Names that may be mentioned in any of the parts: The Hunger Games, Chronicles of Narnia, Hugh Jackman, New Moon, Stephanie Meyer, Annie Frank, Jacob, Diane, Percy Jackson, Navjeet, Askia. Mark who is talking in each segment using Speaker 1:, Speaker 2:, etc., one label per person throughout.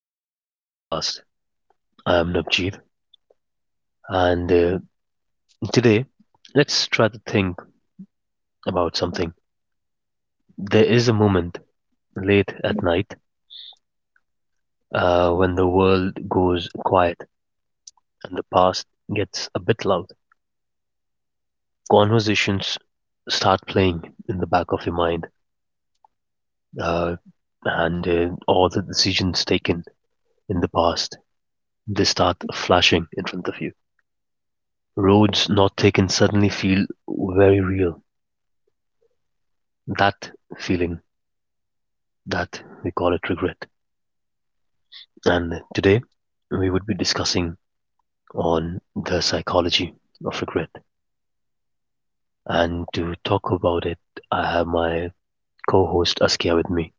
Speaker 1: back to the podcast. I am Navjeet and today let's try to think about something. There is a moment late at night when the world goes quiet and the past gets a bit loud. Conversations start playing in the back of your mind uh, and all the decisions taken in the past they start flashing in front of you. Roads not taken suddenly feel very real. That feeling that we call it regret. And today we would be discussing on the psychology of regret. And to talk about it, I have my co-host Askia with me.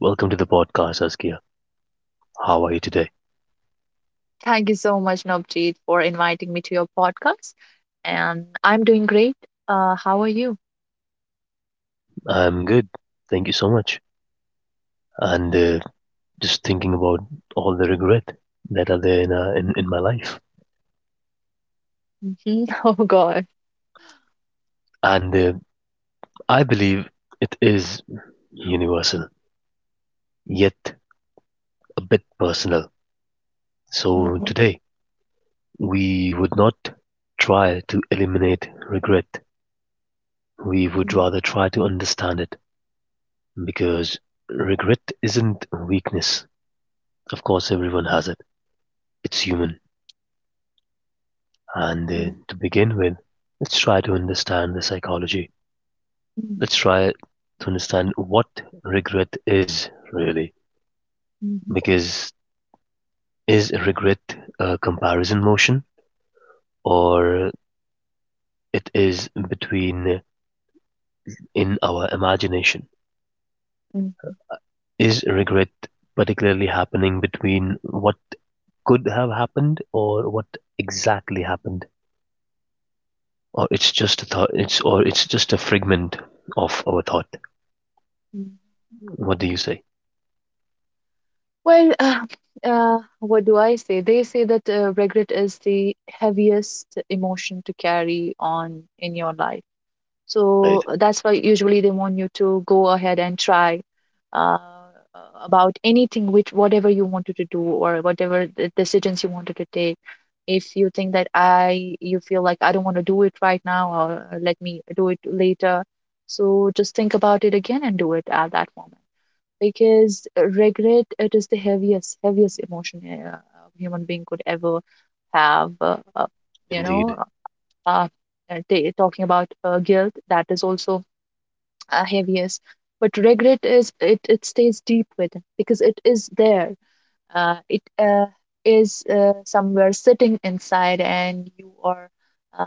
Speaker 1: Welcome to the podcast, Askia. How are you today?
Speaker 2: Thank you so much, Navjeet, for inviting me to your podcast. And I'm doing great. How are you?
Speaker 1: I'm good. Thank you so much. And Just thinking about all the regret that are there in my life.
Speaker 2: Hmm. Oh, God.
Speaker 1: And I believe it is universal, yet a bit personal. So
Speaker 2: Mhm.
Speaker 1: today we would not try to eliminate regret, we would
Speaker 2: Mhm.
Speaker 1: rather try to understand it because regret isn't weakness. Of course, everyone has it, it's human. And
Speaker 2: Mhm.
Speaker 1: To begin with, let's try to understand the psychology.
Speaker 2: Mhm.
Speaker 1: Let's try to understand what regret is really.
Speaker 2: Mhm.
Speaker 1: Because is regret a comparison motion or it is between in our imagination?
Speaker 2: Mhm.
Speaker 1: Is regret particularly happening between what could have happened or what exactly happened or it's just a fragment of our thought?
Speaker 2: Mhm.
Speaker 1: What do you say?
Speaker 2: Well, what do I say? They say that regret is the heaviest emotion to carry on in your life.
Speaker 1: Right.
Speaker 2: So that's why usually they want you to go ahead and try uh, about anything, which whatever you wanted to do or whatever the decisions you wanted to take. If you think that you feel like I don't want to do it right now, or let me do it later. So just think about it again and do it at that moment. Because regret, it is the heaviest, heaviest emotion a human being could ever have. You
Speaker 1: Indeed.
Speaker 2: know, uh, ta talking about guilt, that is also heaviest, but regret is, it stays deep within because it is there, it is somewhere sitting inside, and you are uh,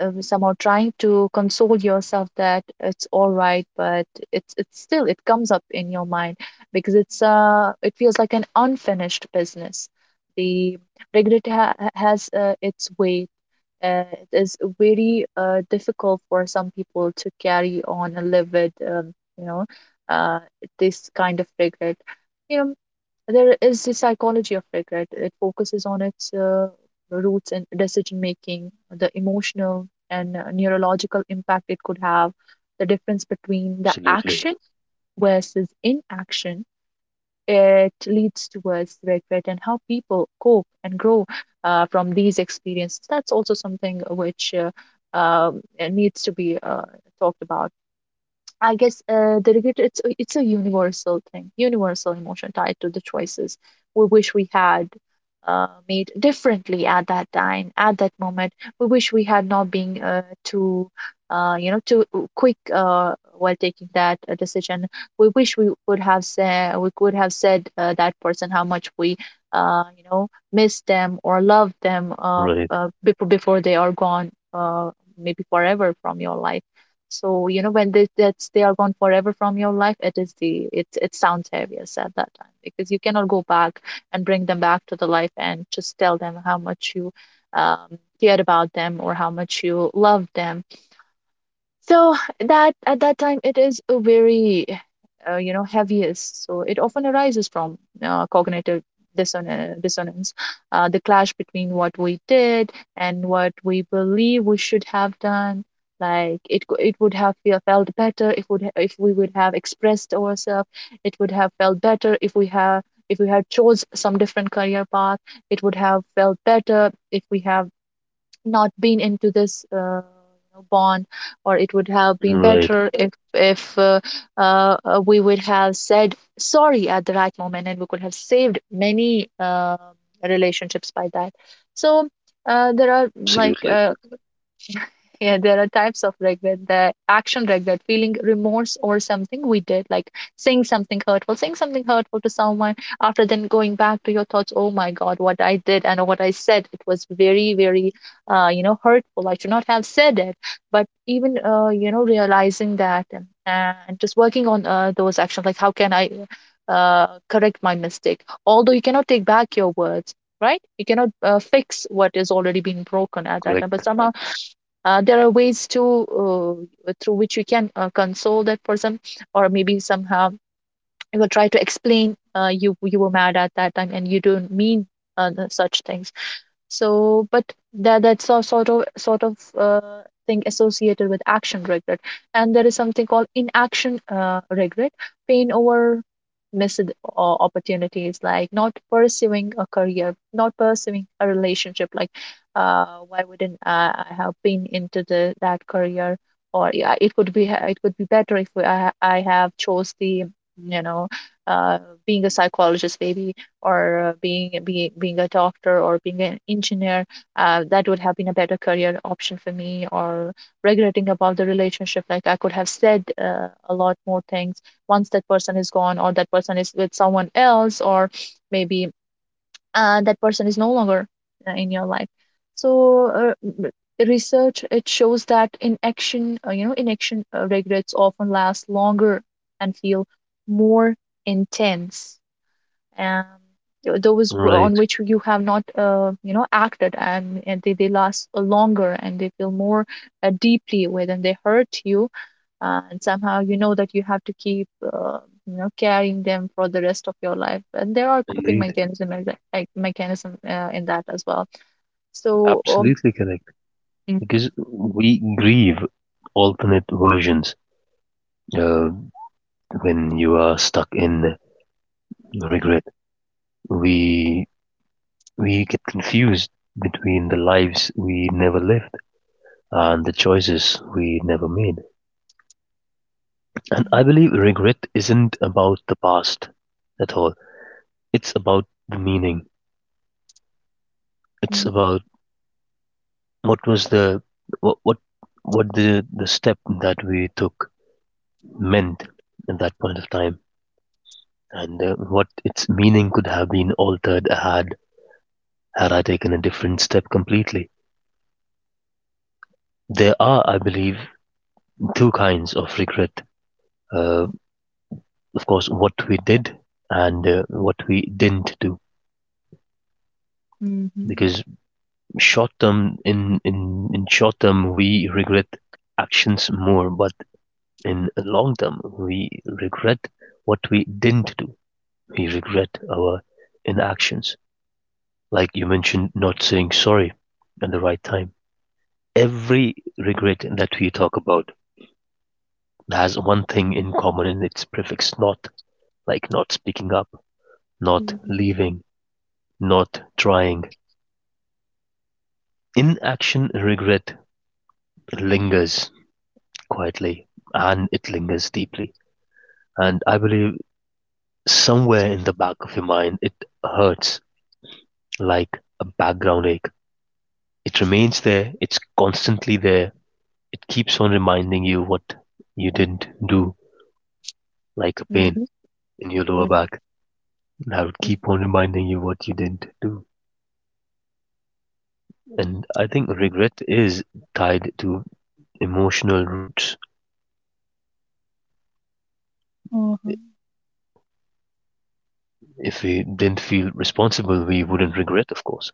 Speaker 2: somehow trying to console yourself that it's all right, but it's still, it comes up in your mind because it feels like an unfinished business. The regret has its weight. It is very difficult for some people to carry on and live with, you know, uh, this kind of regret. You know, there is the psychology of regret. It focuses on its roots in decision making, the emotional and neurological impact it could have, the difference between the
Speaker 1: Absolutely
Speaker 2: action versus inaction, it leads towards regret, and how people cope and grow from these experiences. That's also something which needs to be talked about. I guess the regret, it's a universal thing, universal emotion tied to the choices we wish we had made differently at that time, at that moment. We wish we had not been too, too quick while taking that decision. We wish we would have said, we could have said that person how much we, miss them or love them,
Speaker 1: right.
Speaker 2: before they are gone, maybe forever from your life. So, you know, when they that's they are gone forever from your life, it is the, it sounds heaviest at that time, because you cannot go back and bring them back to the life and just tell them how much you cared about them or how much you loved them. So that, at that time, it is a very, you know, heaviest. So it often arises from cognitive dissonance, the clash between what we did and what we believe we should have done. Like, it would have felt better if we would have expressed ourselves. It would have felt better if we have, if we had chose some different career path. It would have felt better if we have not been into this bond. Or it would have been
Speaker 1: Right.
Speaker 2: better if we would have said sorry at the right moment, and we could have saved many relationships by that. So there are like,
Speaker 1: Absolutely
Speaker 2: yeah, there are types of regret: the action regret, feeling remorse or something we did, like saying something hurtful to someone, after then going back to your thoughts, oh my God, what I did and what I said, it was very, very, hurtful. I should not have said it. But even, you know, realizing that, and just working on those actions, like how can I correct my mistake? Although you cannot take back your words, right? You cannot fix what has already been broken at that time,
Speaker 1: correct.
Speaker 2: but somehow there are ways to, through which you can console that person, or maybe somehow you will try to explain, you, you were mad at that time and you don't mean the such things. So, but that's a sort of thing associated with action regret. And there is something called inaction regret, pain over missed opportunities, like not pursuing a career, not pursuing a relationship. Like, why wouldn't I have been into the that career? Or yeah, it could be, it could be better if I have chose the, you know, uh, being a psychologist maybe, or being a doctor or being an engineer. That would have been a better career option for me, or regretting about the relationship, like I could have said a lot more things once that person is gone, or that person is with someone else, or maybe that person is no longer in your life. So research, it shows that inaction, you know, inaction regrets often last longer and feel more intense. um, those, on
Speaker 1: Right.
Speaker 2: which you have not, you know, acted, and they last longer, and they feel more deeply with, and they hurt you. And somehow you know that you have to keep, you know, carrying them for the rest of your life, and there are coping
Speaker 1: Indeed.
Speaker 2: mechanism, as a- like mechanism in that as well. So
Speaker 1: Absolutely correct.
Speaker 2: Mhm.
Speaker 1: Because we grieve alternate versions, uh, when you are stuck in regret we We get confused between the lives we never lived and the choices we never made. And I believe regret isn't about the past at all. It's about the meaning. It's
Speaker 2: Mhm.
Speaker 1: about what was the what what, what the step that we took meant at that point of time, and what its meaning could have been altered had I taken a different step completely. There are, I believe, two kinds of regret. Uh, of course, what we did and what we didn't do.
Speaker 2: Mhm.
Speaker 1: Because short term, in short term, we regret actions more, but in long term, we regret what we didn't do. We regret our inactions. Like you mentioned, not saying sorry at the right time. Every regret that we talk about has one thing in common in its prefix not, like not speaking up, not
Speaker 2: Mhm.
Speaker 1: leaving, not trying. Inaction regret lingers quietly, and it lingers deeply. And I believe somewhere in the back of your mind, it hurts like a background ache. It remains there, it's constantly there. It keeps on reminding you what you didn't do, like a pain
Speaker 2: Mhm.
Speaker 1: in your lower
Speaker 2: Mhm.
Speaker 1: back. Now it
Speaker 2: Mhm.
Speaker 1: keep on reminding you what you didn't do. And I think regret is tied to emotional roots.
Speaker 2: Mhm. Mhm.
Speaker 1: If we didn't feel responsible, we wouldn't regret, of course.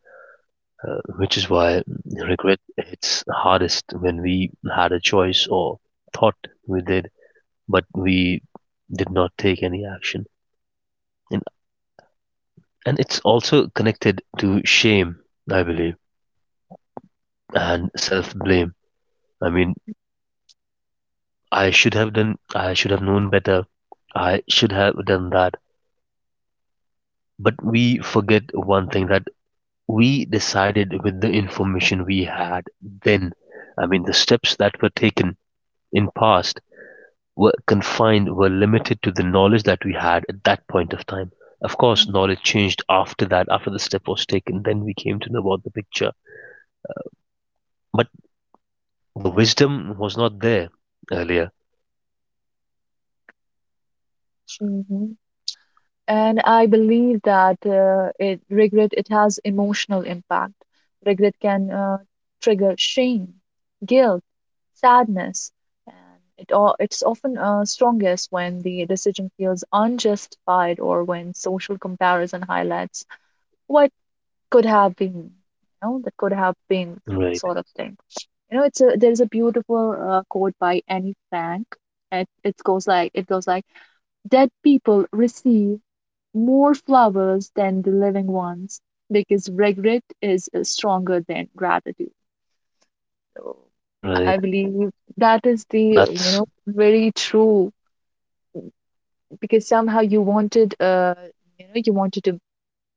Speaker 1: Which is why regret hits hardest when we had a choice or thought we did, but we did not take any action. And, and it's also connected to shame, I believe, and self blame. I mean, I should have done, I should have known better, I should have done that. But we forget one thing that we decided with the information we had then. I mean, the steps that were taken in past were confined were limited to the knowledge that we had at that point of time. Of course, knowledge changed after that, after the step was taken, then we came to know about the picture. But the wisdom was not there earlier.
Speaker 2: Mhm. Mhm. And I believe that, regret, it has emotional impact. Regret can trigger shame, guilt, sadness, and it all, it's often strongest when the decision feels unjustified, or when social comparison highlights what could have been, you know, that could have been
Speaker 1: Right,
Speaker 2: sort of thing. You know, it's a there's a beautiful quote by Annie Frank. It goes like, dead people receive more flowers than the living ones, because regret is stronger than gratitude. So I
Speaker 1: right.
Speaker 2: believe that is, the you
Speaker 1: That's
Speaker 2: know, very true, because somehow you wanted, you know, you wanted to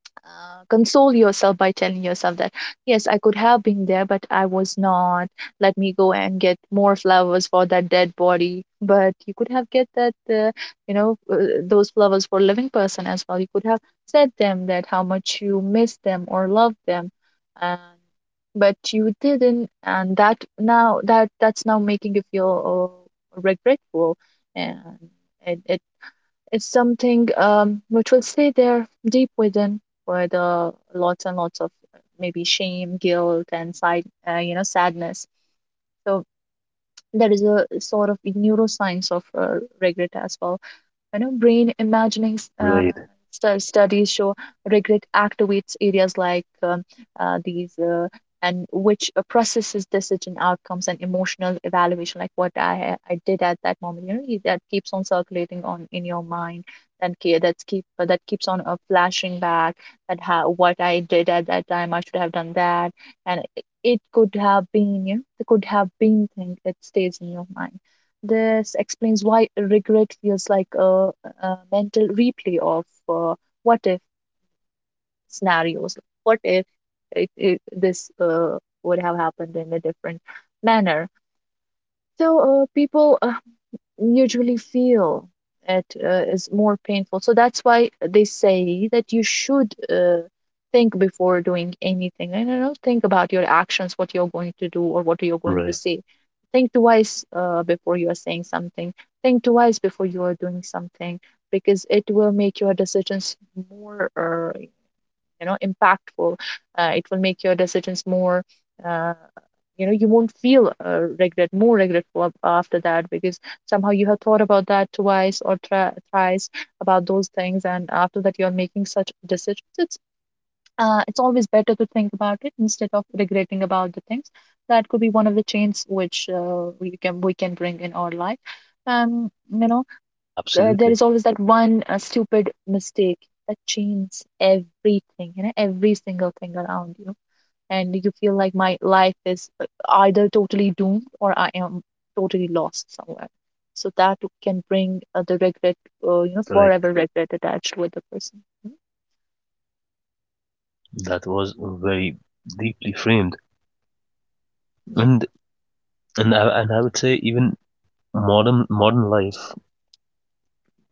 Speaker 2: console yourself by telling yourself that, yes, I could have been there, but I was not. Let me go and get more flowers for that dead body, but you could have get that, you know uh, those flowers for living person as well. You could have said them that how much you miss them or love them, and but you didn't, and that, that's now making you feel regretful. And it, it it's something, which will stay there deep within with lots and lots of, maybe shame, guilt, and side, sadness. So there is a sort of neuroscience of regret as well. You know, brain imagining
Speaker 1: right,
Speaker 2: studies show regret activates areas like, these, and which processes decision outcomes and emotional evaluation, like what I I did at that moment, you know, that keeps on circulating on in your mind. And that keeps on flashing back, that how what I did at that time I should have done that. And it could have been, you know, it could have been thing that stays in your mind. This explains why regret feels like a mental replay of what if scenarios. What if this would have happened in a different manner? So people usually feel it is more painful. So that's why they say that you should think before doing anything. And I don't think about your actions, what you're going to do or what you're going to
Speaker 1: right.
Speaker 2: say. Think twice before you are saying something. Think twice before you are doing something, because it will make your decisions more, you know, impactful. It will make your decisions more, uh, you know, you won't feel regret more regretful after that, because somehow you have thought about that twice or thrice about those things, and after that you're making such decisions. It's it's always better to think about it instead of regretting about the things. That could be one of the changes which we can bring in our life. um you know, there
Speaker 1: Absolutely
Speaker 2: is always that one stupid mistake that changes everything, you know, every single thing around you. And you feel like my life is either totally doomed, or I am totally lost somewhere. So that can bring the regret, you know,
Speaker 1: correct.
Speaker 2: forever regret attached with the person. Mhm.
Speaker 1: That was very deeply framed,
Speaker 2: Yeah.
Speaker 1: and and I would say even modern life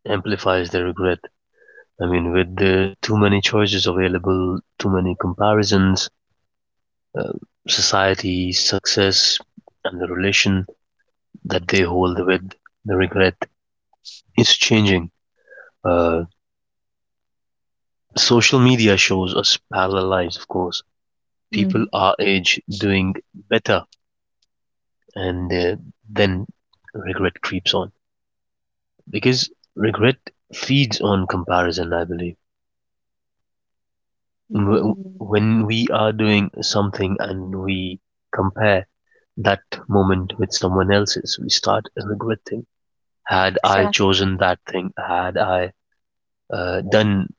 Speaker 1: amplifies the regret. I mean, with the too many choices available, too many comparisons, uh, society, success, and the relation that they hold with the regret is changing. Uh, Social media shows us parallel lives, of course.
Speaker 2: Mm-hmm.
Speaker 1: People our age doing better, and then regret creeps on because regret feeds on comparison. I believe
Speaker 2: Mm-hmm.
Speaker 1: when we are doing something and we compare that moment with someone else's, we start regretting. Had I
Speaker 2: Exactly.
Speaker 1: chosen that thing, had I done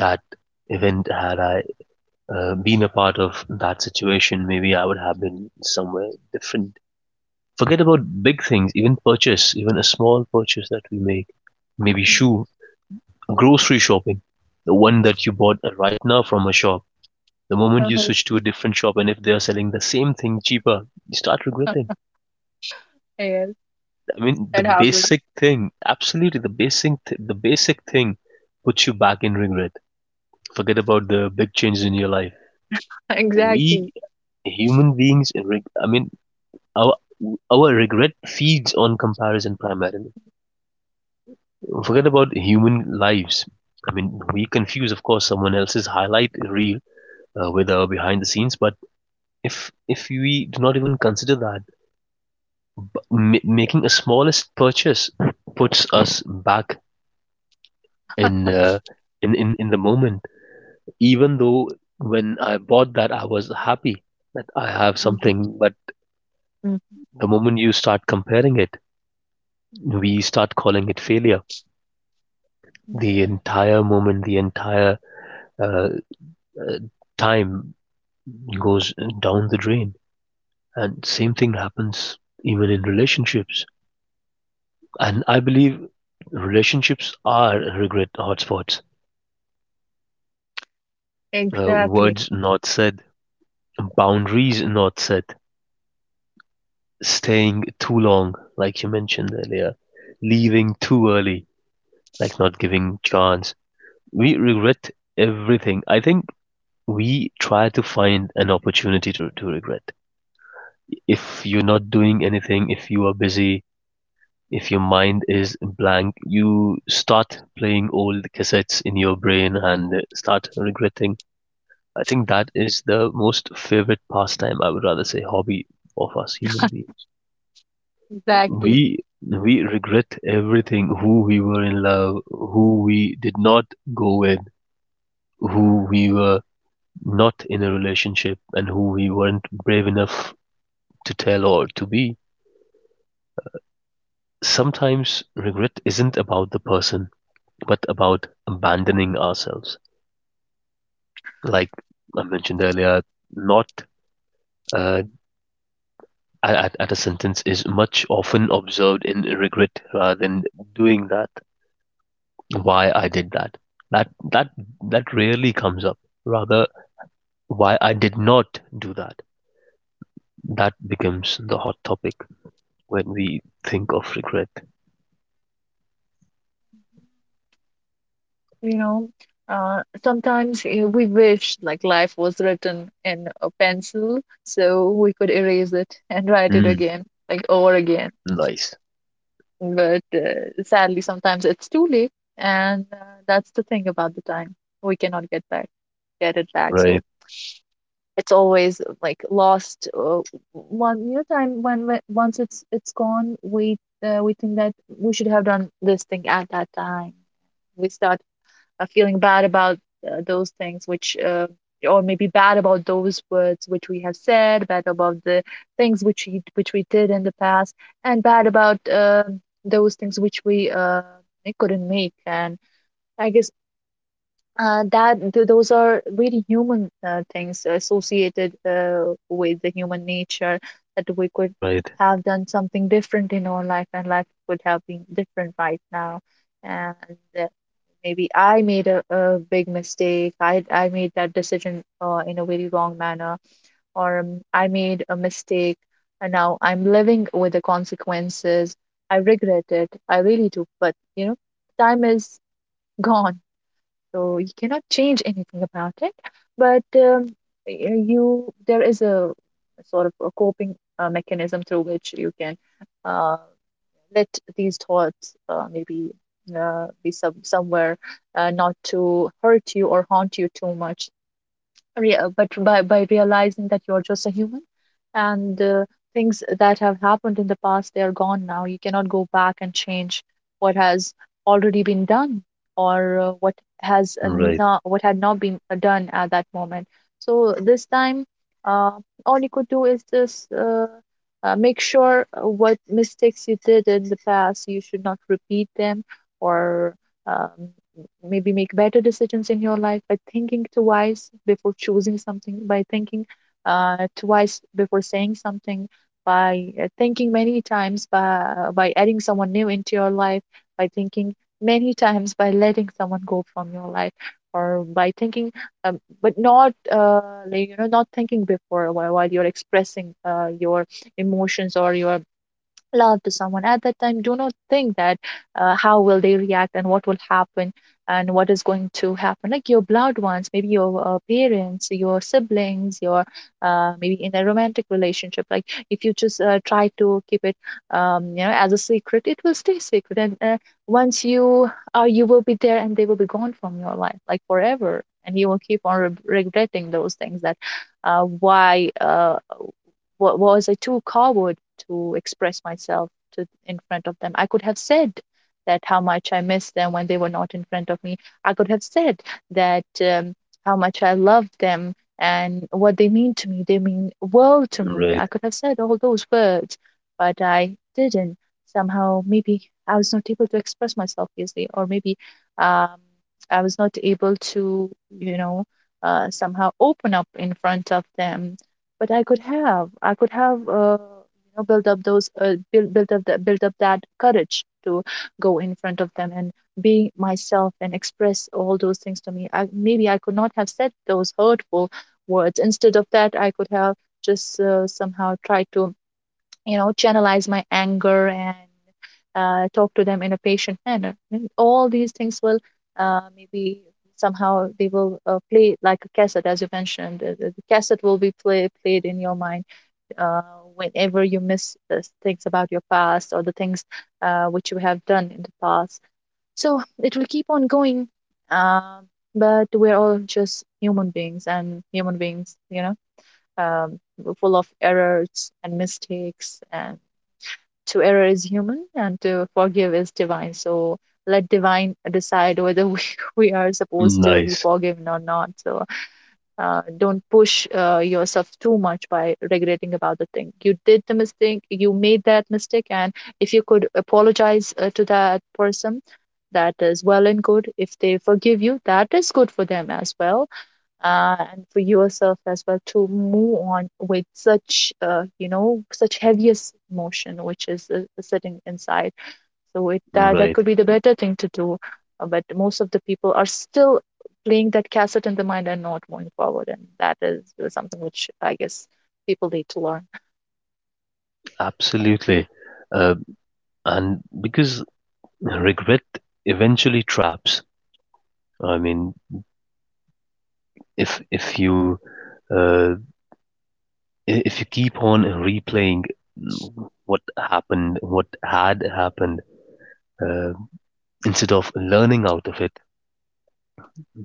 Speaker 1: that event, had I been a part of that situation, maybe I would have been somewhere different. Forget about big things, even purchase, even a small purchase that we make, maybe shoe, grocery shopping, the one that you bought right now from a shop. The moment you
Speaker 2: Uh-huh.
Speaker 1: switch to a different shop, and if they are selling the same thing cheaper, you start regretting.
Speaker 2: Yes,
Speaker 1: I mean, the
Speaker 2: that happens.
Speaker 1: basic thing, absolutely the basic, the basic thing puts you back in regret. Forget about the big changes in your life. We
Speaker 2: Exactly.
Speaker 1: human beings, I mean, our our regret feeds on comparison primarily. Forget about human lives. I mean, we confuse, of course, someone else's highlight reel with our behind the scenes. But if we do not even consider that, making a smallest purchase puts us back in uh, in the moment. Even though when I bought that, I was happy that I have
Speaker 2: Mm-hmm.
Speaker 1: something, but the moment you start comparing it, we start calling it failure. The entire moment, the entire uh, uh, time goes down the drain. And same thing happens even in relationships. And I believe relationships are regret hotspots.
Speaker 2: Exactly.
Speaker 1: Words not said, boundaries not set, staying too long, like you mentioned earlier, leaving too early, like not giving chance. We regret everything. I think we try to find an opportunity to regret. If you're not doing anything, if you are busy, if your mind is blank, you start playing old cassettes in your brain and start regretting. I think that is the most favorite pastime, I would rather say hobby of us human beings.
Speaker 2: Exactly.
Speaker 1: We we regret everything, who we were in love, who we did not go with, who we were not in a relationship and who we weren't brave enough to tell or to be. Sometimes regret isn't about the person, but about abandoning ourselves. Like I mentioned earlier, not uh, at a sentence is much often observed in regret rather than doing that. Why I did that. That that rarely comes up. Rather, why I did not do that. That becomes the hot topic when we think of regret.
Speaker 2: You know, sometimes we wish like life was written in a pencil so we could erase it and write it
Speaker 1: Mm.
Speaker 2: again, like over again.
Speaker 1: Nice.
Speaker 2: But sadly, sometimes it's too late, and that's the thing about the time. We cannot get it back.
Speaker 1: Right.
Speaker 2: So it's always like lost. Time when once it's gone, we think that we should have done this thing at that time. We start feeling bad about those things which or maybe bad about those words which we have said, bad about the things which we did in the past, and bad about those things which we couldn't make. And I guess those are really human things associated with the human nature, that we could
Speaker 1: Right.
Speaker 2: have done something different in our life and life would have been different right now. And uh, maybe I made a big mistake. I made that decision in a very wrong manner, or I made a mistake, and now I'm living with the consequences. I regret it. I really do. But you know, time is gone, so you cannot change anything about it. But you, there is a sort of a coping mechanism through which you can. Uh, Let these thoughts maybe be somewhere, not to hurt you or haunt you too much. But by realizing that you're just a human, and things that have happened in the past, they are gone now. You cannot go back and change what has already been done, or what has
Speaker 1: Right.
Speaker 2: not, what had not been done at that moment. So this time, uh, all you could do is just make sure, what mistakes you did in the past, you should not repeat them or. Um, Maybe make better decisions in your life by thinking twice before choosing something, by thinking twice before saying something, by thinking many times, by adding someone new into your life, by thinking many times, by letting someone go from your life, or by thinking, but not not thinking before, while you're expressing your emotions or your love to someone. At that time, do not think that how will they react and what will happen and what is going to happen, like your blood ones, maybe your parents, your siblings, your maybe in a romantic relationship. Like, if you just try to keep it, as a secret, it will stay secret. And once you are, you will be there and they will be gone from your life like forever, and you will keep on regretting those things that why was I too coward to express myself to, in front of them? I could have said that how much I missed them when they were not in front of me. I could have said that, how much I loved them and what they mean to me. They mean world to me.
Speaker 1: Right.
Speaker 2: I could have said all those words, but I didn't. Somehow, maybe I was not able to express myself easily, or maybe, um, I was not able to, you know, somehow open up in front of them. But I could have, you know, built up those, build, built up that courage to go in front of them and be myself and express all those things to me. I, maybe I could not have said those hurtful words. Instead of that, I could have just somehow tried to, you know, channelize my anger and talk to them in a patient manner. And all these things will, maybe somehow they will play like a cassette, as you mentioned. The the cassette will be played in your mind uh, whenever you miss the things about your past, or the things which you have done in the past. So it will keep on going, um, but we're all just human beings, and human beings, you know, um, full of errors and mistakes. And to error is human and to forgive is divine. So let divine decide whether we, we are supposed to be
Speaker 1: Nice,
Speaker 2: forgiven or not. So don't push yourself too much by regretting about the thing. You did the mistake, you made that mistake, and if you could apologize to that person, that is well and good. If they forgive you, that is good for them as well, and for yourself as well, to move on with such, you know, such heaviest emotion which is sitting inside. So it, that
Speaker 1: right,
Speaker 2: could be the better thing to do. But most of the people are still playing that cassette in the mind and not moving forward, and that is something which, I guess, people need to learn.
Speaker 1: absolutely. Uh, and because regret eventually traps. I mean, if if you uh, if you keep on replaying what happened, what had happened, uh, instead of learning out of it,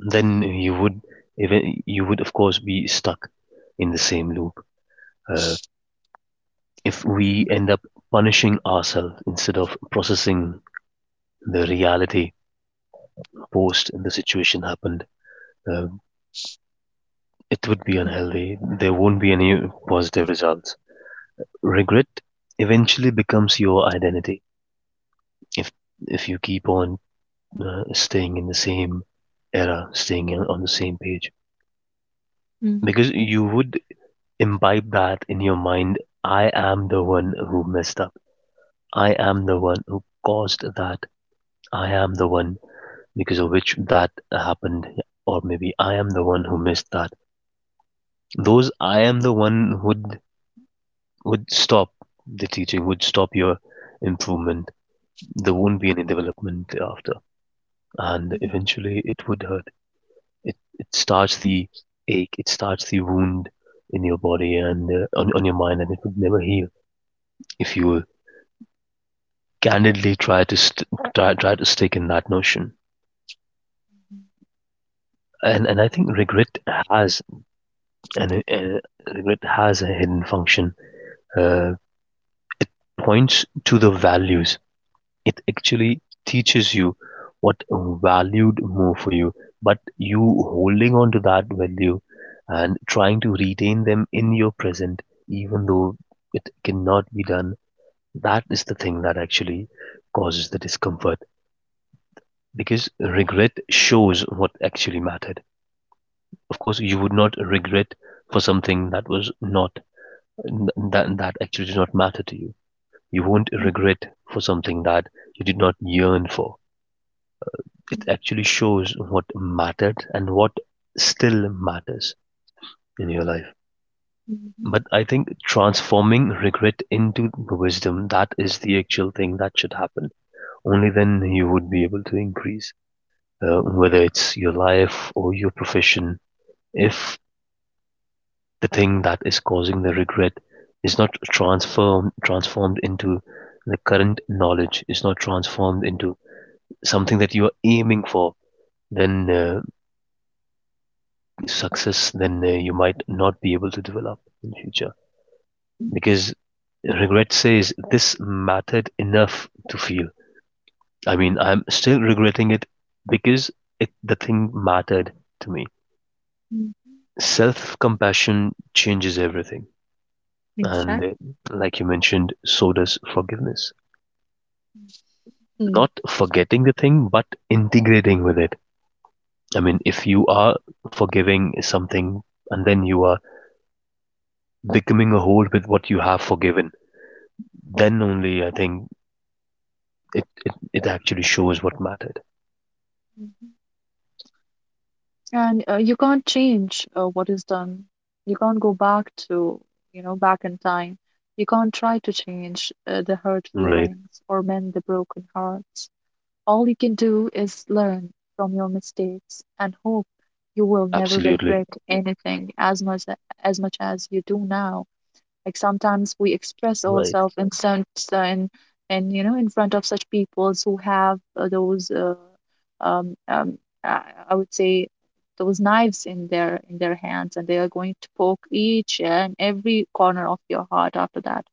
Speaker 1: then you would even you would of course be stuck in the same loop. Uh, if we end up punishing ourselves instead of processing the reality post the situation happened. Uh, it would be
Speaker 2: Mhm.
Speaker 1: unhealthy. There won't be any positive results. Regret eventually becomes your identity if if you keep on staying in the same era, staying in, on the same page,
Speaker 2: Mhm.
Speaker 1: because you would imbibe that in your mind. I am the one who messed up. I am the one who caused that. I am the one because of which that happened, or maybe I am the one who missed that. Those I am the one would stop the teaching, would stop your improvement. There won't be any development after, and eventually it would hurt. It starts the ache, it starts the wound in your body and on your mind, and it would never heal if you candidly try to try to stick in that notion. And I think regret has an regret has a hidden function. Uh, Points to the values. It actually teaches you what valued more for you, but you holding on to that value and trying to retain them in your present, even though it cannot be done, that is the thing that actually causes the discomfort because regret shows what actually mattered. Of course, you would not regret for something that was not that actually did not matter to you. You won't regret for something that you did not yearn for.
Speaker 2: Mhm.
Speaker 1: It actually shows what mattered and what still matters in your life.
Speaker 2: Mhm.
Speaker 1: But I think transforming regret into wisdom, that is the actual thing that should happen. Only then you would be able to increase, whether it's your life or your profession. If the thing that is causing the regret is not transformed into the current knowledge, is not transformed into something that you are aiming for, then you might not be able to develop in future
Speaker 2: Mhm.
Speaker 1: because regret says this mattered enough to feel. I mean, I'm still regretting it because it, the thing mattered to me.
Speaker 2: Mhm.
Speaker 1: Self compassion changes everything. And
Speaker 2: Exactly.
Speaker 1: Like you mentioned, so does forgiveness. Not forgetting the thing, but integrating with it. I mean, if you are forgiving something and then you are becoming a whole with what you have forgiven, then only I think it it actually shows what mattered.
Speaker 2: And you can't change what is done. You can't go back to, you know, back in time. You can't try to change the hurt
Speaker 1: Right.
Speaker 2: feelings or mend the broken hearts. All you can do is learn from your mistakes and hope you will never
Speaker 1: Absolutely.
Speaker 2: regret anything as much as much as you do now. Like, sometimes we express
Speaker 1: Right.
Speaker 2: ourselves in front, and in front of such people who have those um, um, I would say those knives in their hands, and they are going to poke each and every corner of your heart after that.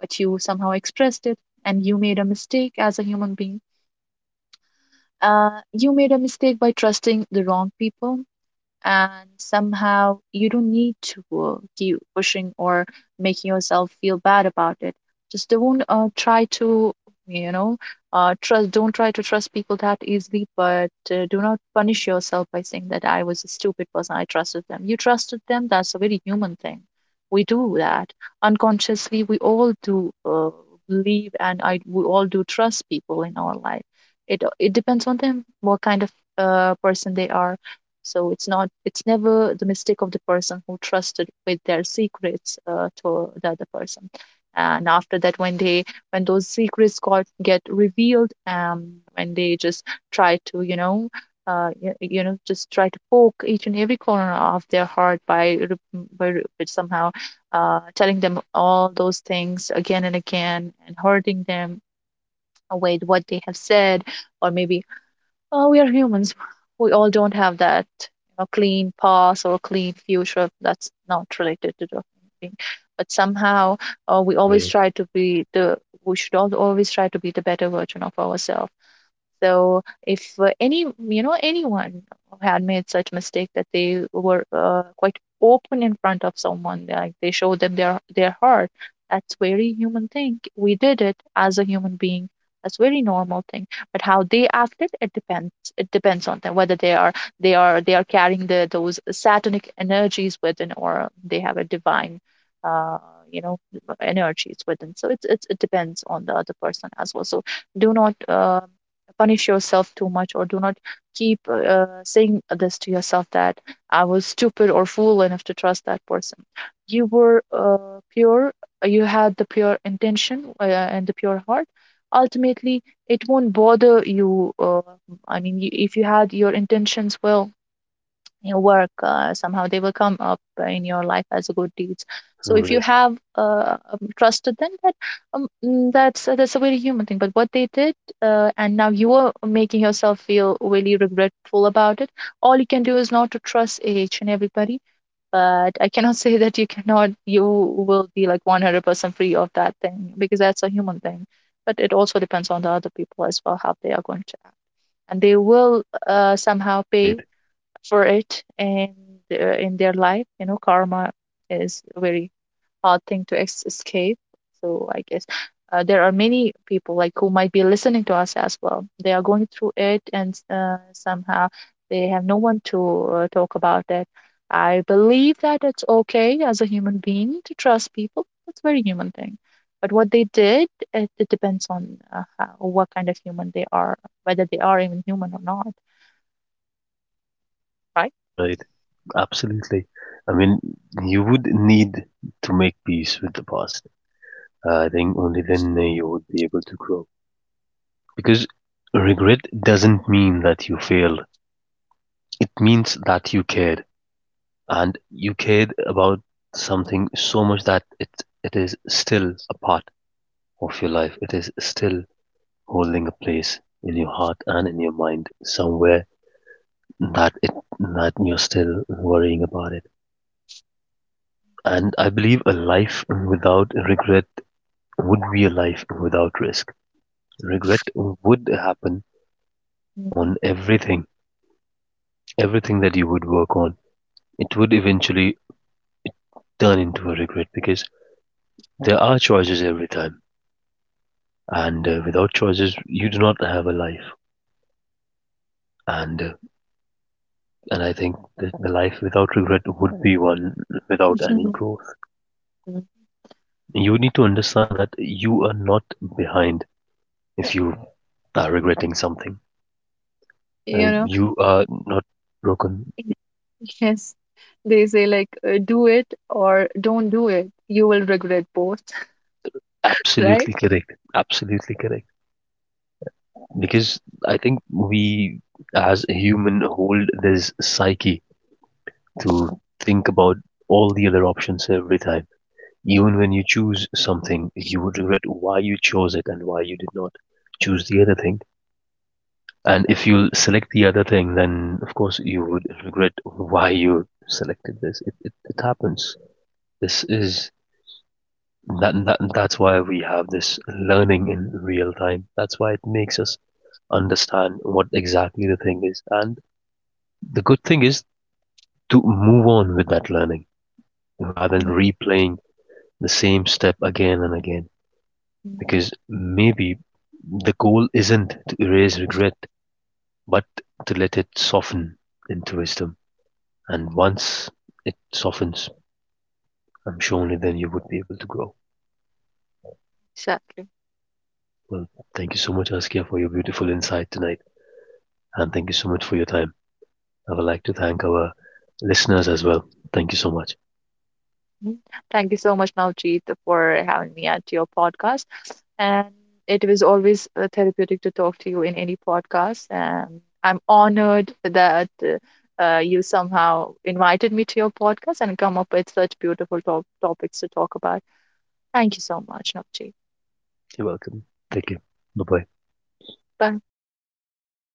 Speaker 2: But you somehow expressed it, and you made a mistake as a human being. You made a mistake by trusting the wrong people, and somehow you don't need to keep pushing or making yourself feel bad about it. Just don't try to you know trust don't try to trust people that easily. But do not punish yourself by saying that I was a stupid person, I trusted them. You trusted them, that's a very human thing. We do that unconsciously. We all do, believe, and we all do trust people in our life. It depends on them what kind of person they are. So it's not, it's never the mistake of the person who trusted with their secrets to the other person. And after that, when they, when those secrets got get revealed, when they just try to, you know. You know, just try to poke each and every corner of their heart by, by somehow telling them all those things again and again and hurting them with what they have said. Or maybe, we are humans. We all don't have that, you know, clean past or clean future. That's not related to the human being. But somehow, we always
Speaker 1: Right.
Speaker 2: try to be the. We should all always try to be the better version of ourselves. So if anyone had made such mistake that they were quite open in front of someone, like they showed them their heart, that's very human thing. We did it as a human being. That's very normal thing. But how they acted, it depends. It depends on them whether they are, they are carrying the those satanic energies within, or they have a divine. Uh, you know energies within. So it's, it depends on the other person as well. So do not punish yourself too much, or do not keep saying this to yourself that I was stupid or fool enough to trust that person. You were pure, you had the pure intention and the pure heart. Ultimately, it won't bother you. I mean, you, if you had your intentions well, your work somehow they will come up in your life as a good deeds. So if you
Speaker 1: Right.
Speaker 2: have trusted them, that that's a very human thing. But what they did, and now you are making yourself feel really regretful about it, all you can do is not to trust each and everybody. But I cannot say that you cannot, you will be like 100% free of that thing, because that's a human thing. But it also depends on the other people as well, how they are going to act. And they will somehow pay
Speaker 1: Right.
Speaker 2: for it, and in their life, you know, karma is a very hard thing to escape. So I guess there are many people, like, who might be listening to us as well, they are going through it, and somehow they have no one to talk about it. I believe that it's okay as a human being to trust people. It's a very human thing. But what they did, it depends on what kind of human they are, whether they are even human or not. Right?
Speaker 1: Right. Absolutely. I mean, you would need to make peace with the past. I think only then you would be able to grow. Because regret doesn't mean that you failed. It means that you cared, and you cared about something so much that it is still a part of your life. It is still holding a place in your heart and in your mind somewhere that it that you're still worrying about it. And I believe a life without regret would be a life without risk. Regret would happen on everything, everything that you would work on. It would eventually turn into a regret because there are choices every time, and without choices, you do not have a life. And uh, and I think that the life without regret would be one without any
Speaker 2: Hmm.
Speaker 1: growth. You need to understand that you are not behind if you are regretting something.
Speaker 2: You know.
Speaker 1: You are not broken.
Speaker 2: Yes, they say like, do it or don't do it, you will regret both. Right.
Speaker 1: Absolutely correct. Absolutely correct. Because I think we, as a human, hold this psyche to think about all the other options every time. Even when you choose something, you would regret why you chose it and why you did not choose the other thing. And if you select the other thing, then of course you would regret why you selected this. It happens. This is that's why we have this learning in real time. That's why it makes us understand what exactly the thing is. And the good thing is to move on with that learning rather than replaying the same step again and again.
Speaker 2: Mhm.
Speaker 1: Because maybe the goal isn't to erase regret, but to let it soften into wisdom. And once it softens, I'm sure only then you would be able to grow.
Speaker 2: Exactly.
Speaker 1: Well, thank you so much, Askia, for your beautiful insight tonight, and thank you so much for your time. I would like to thank our listeners as well. Thank you so much.
Speaker 2: Mhm. Thank you so much, Navjeet, for having me at your podcast. And it was always therapeutic to talk to you in any podcast. And I'm honored that you somehow invited me to your podcast and come up with such beautiful topics to talk about. Thank you so much, Navjeet.
Speaker 1: You're welcome. Take care. Bye bye.
Speaker 2: Bye.